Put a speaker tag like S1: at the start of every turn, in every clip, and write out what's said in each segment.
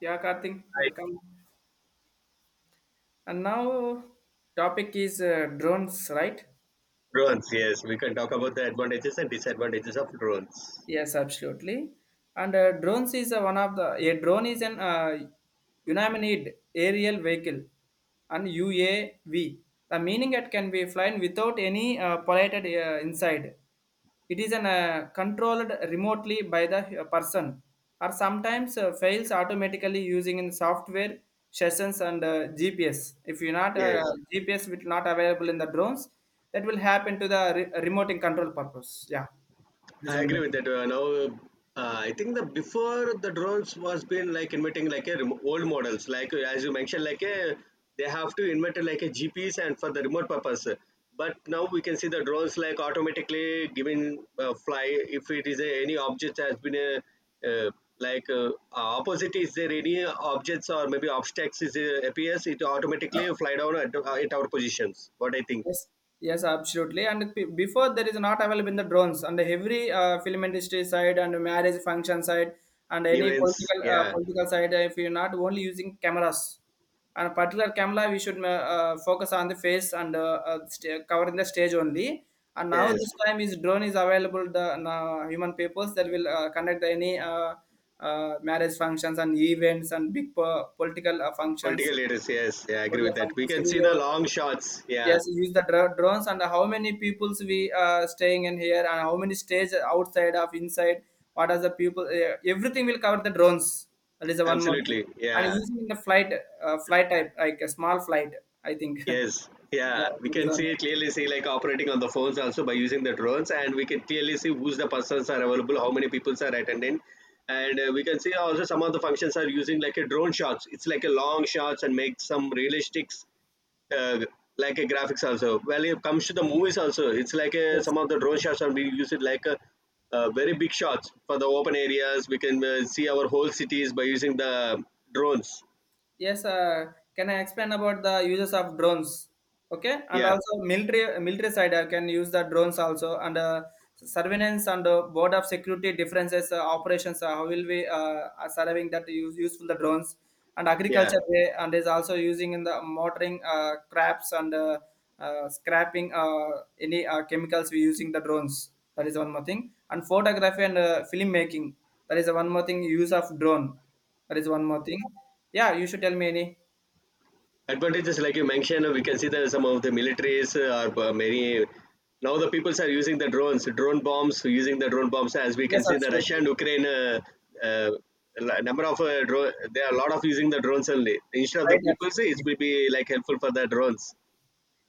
S1: Yeah, Karthik, welcome. And now topic is drones, right?
S2: Drones, yes, we can talk about the advantages and disadvantages of drones.
S1: Yes, absolutely. And drones is one of the a drone is an unmanned aerial vehicle, and UAV. The meaning it can be flown without any piloted inside. It is an controlled remotely by the person, or sometimes fails automatically using in software sessions and GPS. If you're not
S2: Yes,
S1: uh, GPS, will not available in the drones, that will happen to the remote control purpose. Yeah, it is
S2: I
S1: one more
S2: agree with
S1: thing.
S2: that. Now, I think the before the drones was been like inventing like a remo old models, like as you mentioned, like a they have to invent like a GPS and for the remote purpose. But now we can see the drones like automatically giving fly if it is a, any object has been a, uh, opposite is there any objects or maybe obstacles is appears it automatically fly down at our positions. What I think
S1: Yes, yes, absolutely. And before there is not available in the drones and every film industry side and marriage function side and any
S2: events, yeah,
S1: political side. If you're not only using cameras, and particular camera, we should focus on the face and covering the stage only. And now
S2: yes.
S1: this time is drone is available. The now human peoples that will conduct any marriage functions and events and big political functions.
S2: Political leaders, yes, yeah, I agree with
S1: Political
S2: that. We
S1: functions.
S2: can see
S1: We,
S2: the long shots, yeah,
S1: yes, use the drones and how many peoples we staying in here and how many stage outside of inside. What are the people? Everything will cover the drones. That is the one more thing.
S2: absolutely,
S1: And
S2: yeah,
S1: using the flight, flight type like a small flight, I think. Yeah,
S2: yes, yeah. We
S1: that is
S2: can
S1: one more.
S2: see clearly see like operating on the phones also by using the drones, and we can clearly see who's the persons are available, how many people are attending, and we can see also some of the functions are using like a drone shots. It's like a long shots and make some realistics uh, like a graphics also. Well, it comes to the movies also.
S1: Yes.
S2: Some of the drone shots and we use it like a very big shots for the open areas. We can see our whole cities by using the drones.
S1: Yes, can I explain about the uses of drones? Okay, and
S2: Yeah,
S1: also military side I can use the drones also and surveillance and board of security differences operations. How will we are surveying that useful the drones and
S2: yeah.
S1: agriculture way and is also using in the monitoring crops and scrapping any chemicals we using the drones. That is one more thing. And photography and film making. That is one more thing use of drone, that is one more thing. Yeah, you should tell me any.
S2: Advantages like you mentioned, we can see that some of the militaries are many. Now the peoples are using the drones, drone bombs, using the drone bombs. As we
S1: Yes,
S2: can see, the Russia
S1: absolutely.
S2: and Ukraine uh, number of drone, there are a lot of using the drones only. Instead of the
S1: Right,
S2: peoples, it
S1: absolutely.
S2: will be like helpful for the drones.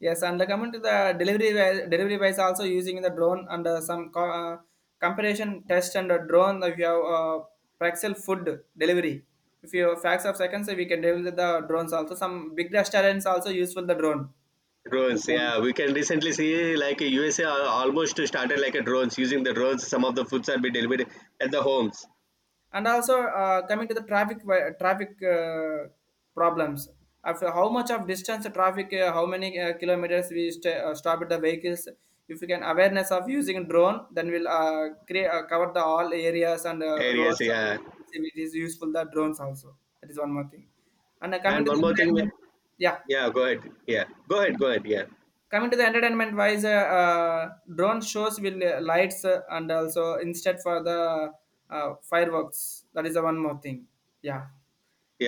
S1: Yes, and coming to the delivery wise, also using the drone and some comparison test and a drone. If you have Praxel food delivery, if you have facts of seconds, we can deliver the drones also. Some big restaurants also useful the drone.
S2: Drones, yeah. We can recently see like USA al- almost started like a drones using the drones. Some of the foods are being delivered at the homes
S1: And also coming to the traffic problems after how much of distance traffic, how many kilometers we stop at the vehicles. If we can awareness of using drone, then we'll create cover the all areas and
S2: areas,
S1: roads.
S2: yeah.
S1: It is useful the drones also, that is one more thing. And coming
S2: And
S1: to the
S2: one more thing,
S1: entertainment, yeah,
S2: yeah. Go ahead, yeah. Go ahead, yeah.
S1: coming to the entertainment wise, uh, drone shows will lights and also instead for the fireworks, that is the one more thing. Yeah,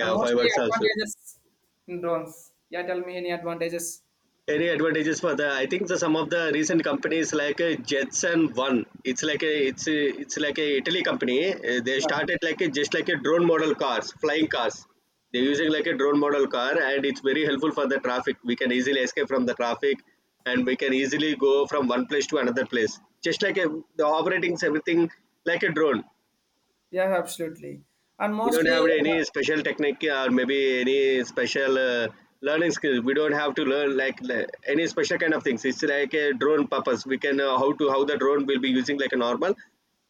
S1: and mostly
S2: fireworks also.
S1: advantages in drones. Yeah, tell me any advantages.
S2: Any advantages for the? I think the, some of the recent companies like Jetson One. It's it's like a Italy company. They
S1: Yeah,
S2: started like a, just like a drone model cars, flying cars. They're using like a drone model car, and it's very helpful for the traffic. We can easily escape from the traffic, and we can easily go from one place to another place. Just like a, the operating everything like a drone.
S1: yeah, absolutely. And
S2: We don't
S1: mostly
S2: have any special technique or maybe any special learning skill. We don't have to learn like le- any special kind of things. It's like a drone purpose. We can how to how the drone will be using like a normal.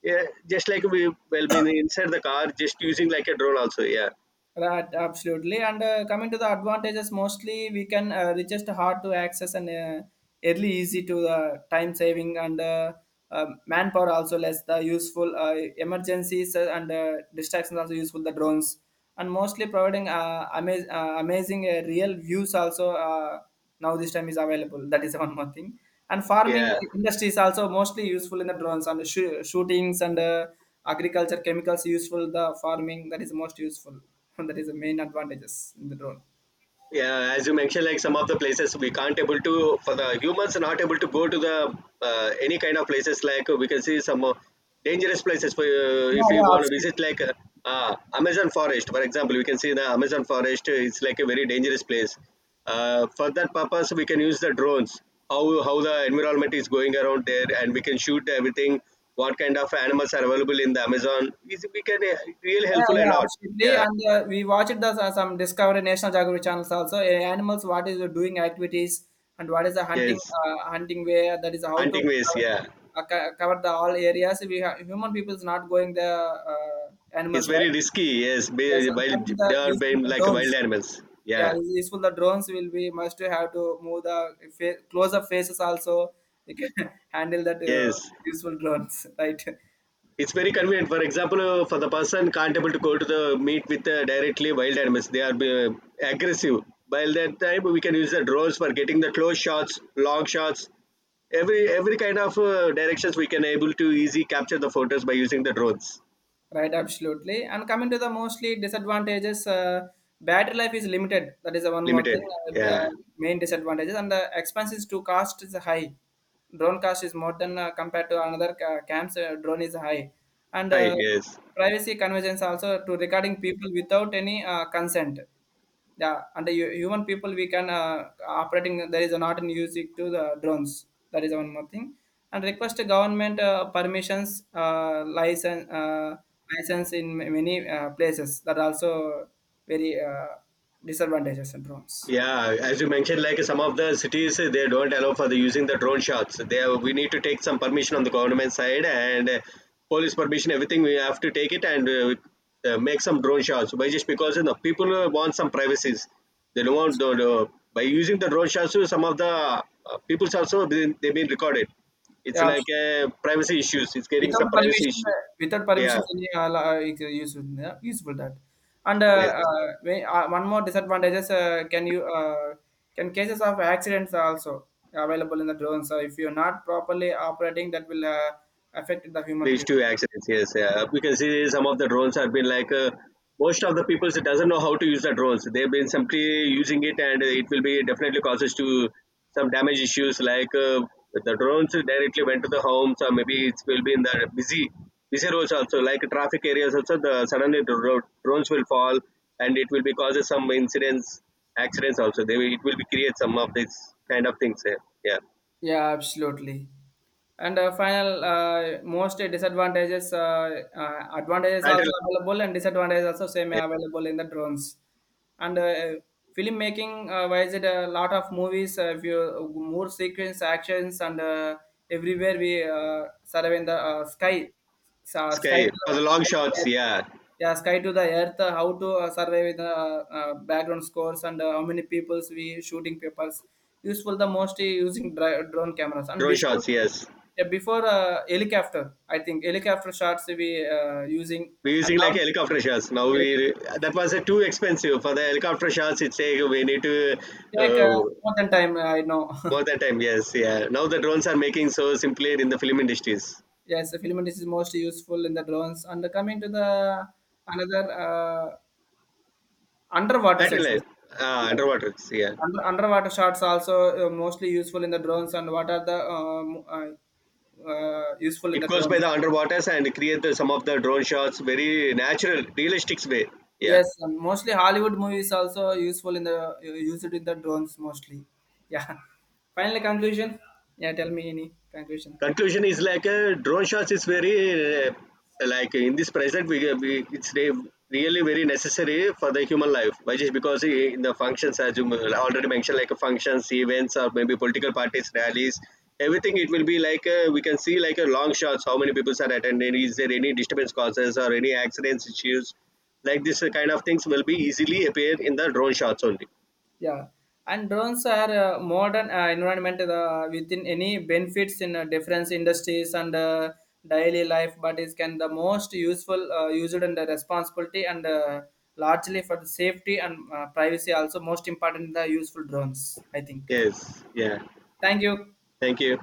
S2: Yeah, just like we will be inside the car, just using like a drone also. Yeah,
S1: right, absolutely. And coming to the advantages, mostly we can reaches to hard to access and early easy to the time saving and manpower also less the useful emergencies and distractions also useful the drones. And mostly providing amazing real views also. Now this time is available. That is one more thing. And farming
S2: yeah.
S1: industry is also mostly useful in the drones and shootings and agriculture chemicals useful the farming, that is most useful. That is the main advantages in the drone.
S2: Yeah, as you mentioned, like some of the places we can't able to for the humans are not able to go to the any kind of places like we can see some dangerous places for
S1: Yeah,
S2: if we
S1: yeah,
S2: want to visit
S1: absolutely.
S2: like Amazon forest for example we can see the Amazon forest it's like a very dangerous place. For that purpose we can use the drones how the environment is going around there and we can shoot everything what kind of animals are available in the Amazon is we can really
S1: Yeah,
S2: helpful a
S1: yeah,
S2: lot
S1: absolutely.
S2: yeah
S1: And we watched the some Discovery National Geographic channels also. Uh, animals, what is the doing activities and what is the hunting,
S2: yes
S1: hunting way? That is how to
S2: hunting ways
S1: cover,
S2: yeah.
S1: cover the all areas. We have, human people is not going the
S2: It's
S1: animals,
S2: very
S1: right?
S2: risky. Yes,
S1: Yes,
S2: be-
S1: and coming
S2: wild.
S1: to
S2: They
S1: the
S2: are
S1: useful
S2: being
S1: the
S2: like wild
S1: drones.
S2: animals.
S1: Yeah,
S2: Yeah.
S1: useful the drones will be must to have to move the close up faces also. You can handle that,
S2: Yes.
S1: useful drones, right?
S2: It's very convenient. For example, for the person can't able to go to the meet with directly wild animals. They are aggressive. By that time, we can use the drones for getting the close shots, long shots. Every kind of directions we can able to easy capture the photos by using the drones.
S1: Right, absolutely. And coming to the mostly disadvantages, battery life is limited. That is the one more thing,
S2: Limited.
S1: uh, uh,
S2: Yeah.
S1: main disadvantages. And the expenses to cost is high. Drone cost is more than compared to another camps. Drone is high, and
S2: Hi. Yes.
S1: privacy conversions also to regarding people without any consent. Yeah, under human people we can operating, there is not in music to the drones, that is one more thing. And request the government permissions, license, license in many places, that also very disadvantages in drones.
S2: Yeah, as you mentioned, like some of the cities, they don't allow for the using the drone shots. They have, we need to take some permission on the government side and police permission, everything. We have to take it and make some drone shots. But just because you know people want some privacies, they don't want.
S1: Yes,
S2: The not by using the drone shots, some of the people's also been, they've been recorded. It's
S1: yeah.
S2: like privacy issues. It's getting
S1: Without
S2: some privacy
S1: permission,
S2: issue.
S1: without
S2: Yeah.
S1: permission, any is useful, yeah, useful that. And
S2: Yes.
S1: one more disadvantages, can you, can cases of accidents are also available in the drones. So if you're not properly operating, that will affect the human
S2: Leads
S1: people.
S2: to accidents, yes, yeah, we can see some of the drones have been like most of the people doesn't know how to use the drones they've been simply using it and it will be definitely causes to some damage issues like the drones directly went to the homes or maybe it will be in the busy roads also like traffic areas also the suddenly the road, drones will fall and it will be causes some incidents accidents also they will, it will be create some of these kind of things yeah, yeah.
S1: Yeah, absolutely. And final, most disadvantages, advantages also
S2: Battery-
S1: available and disadvantages also same
S2: yeah.
S1: available in the drones. And filmmaking wise, it a lot of movies, if you more sequence actions and everywhere we survey in the sky, sa
S2: Sky for the long
S1: sky to the
S2: shots,
S1: earth.
S2: yeah.
S1: Yeah, sky to the earth. Uh, how to survey with the background scores and how many peoples we shooting papers. Useful the most using drone cameras. And
S2: Drone
S1: before,
S2: shots, yes.
S1: yeah, before helicopter, I think helicopter shots we using,
S2: We're
S1: and
S2: using
S1: now
S2: like helicopter shots now.
S1: helicopter
S2: We
S1: shots.
S2: that was too expensive for the helicopter shots. It's like we need to
S1: Take
S2: uh,
S1: more than time. Uh, I know.
S2: more that time. Yes, yeah. Now the drones are making so simply in the film industries.
S1: Yes, the filament is most useful in the drones. And coming to the another underwater sections.
S2: Satellite,
S1: Yeah.
S2: underwater. Yeah,
S1: Under, underwater shots also mostly useful in the drones. And what are the useful in
S2: it
S1: the
S2: goes by the
S1: drones?
S2: underwaters and create the, some of the drone shots very natural, realistic way. Yeah.
S1: Yes, mostly Hollywood movies also useful in the used in the drones mostly. Yeah. Final conclusion. Yeah, tell me any conclusion.
S2: Conclusion is like drone shots is very like in this present we it's re- really very necessary for the human life why just because I- in the functions as you already mentioned like functions events or maybe political parties rallies everything it will be like we can see like a long shots how many people are attending is there any disturbance causes or any accidents issues like this kind of things will be easily appear in the drone shots only
S1: Yeah, and drones are modern environment within any benefits in different industries and daily life, but it can the most useful used in the responsibility and largely for the safety and privacy also most important the useful drones. I think.
S2: yes yeah
S1: Thank you.
S2: thank you.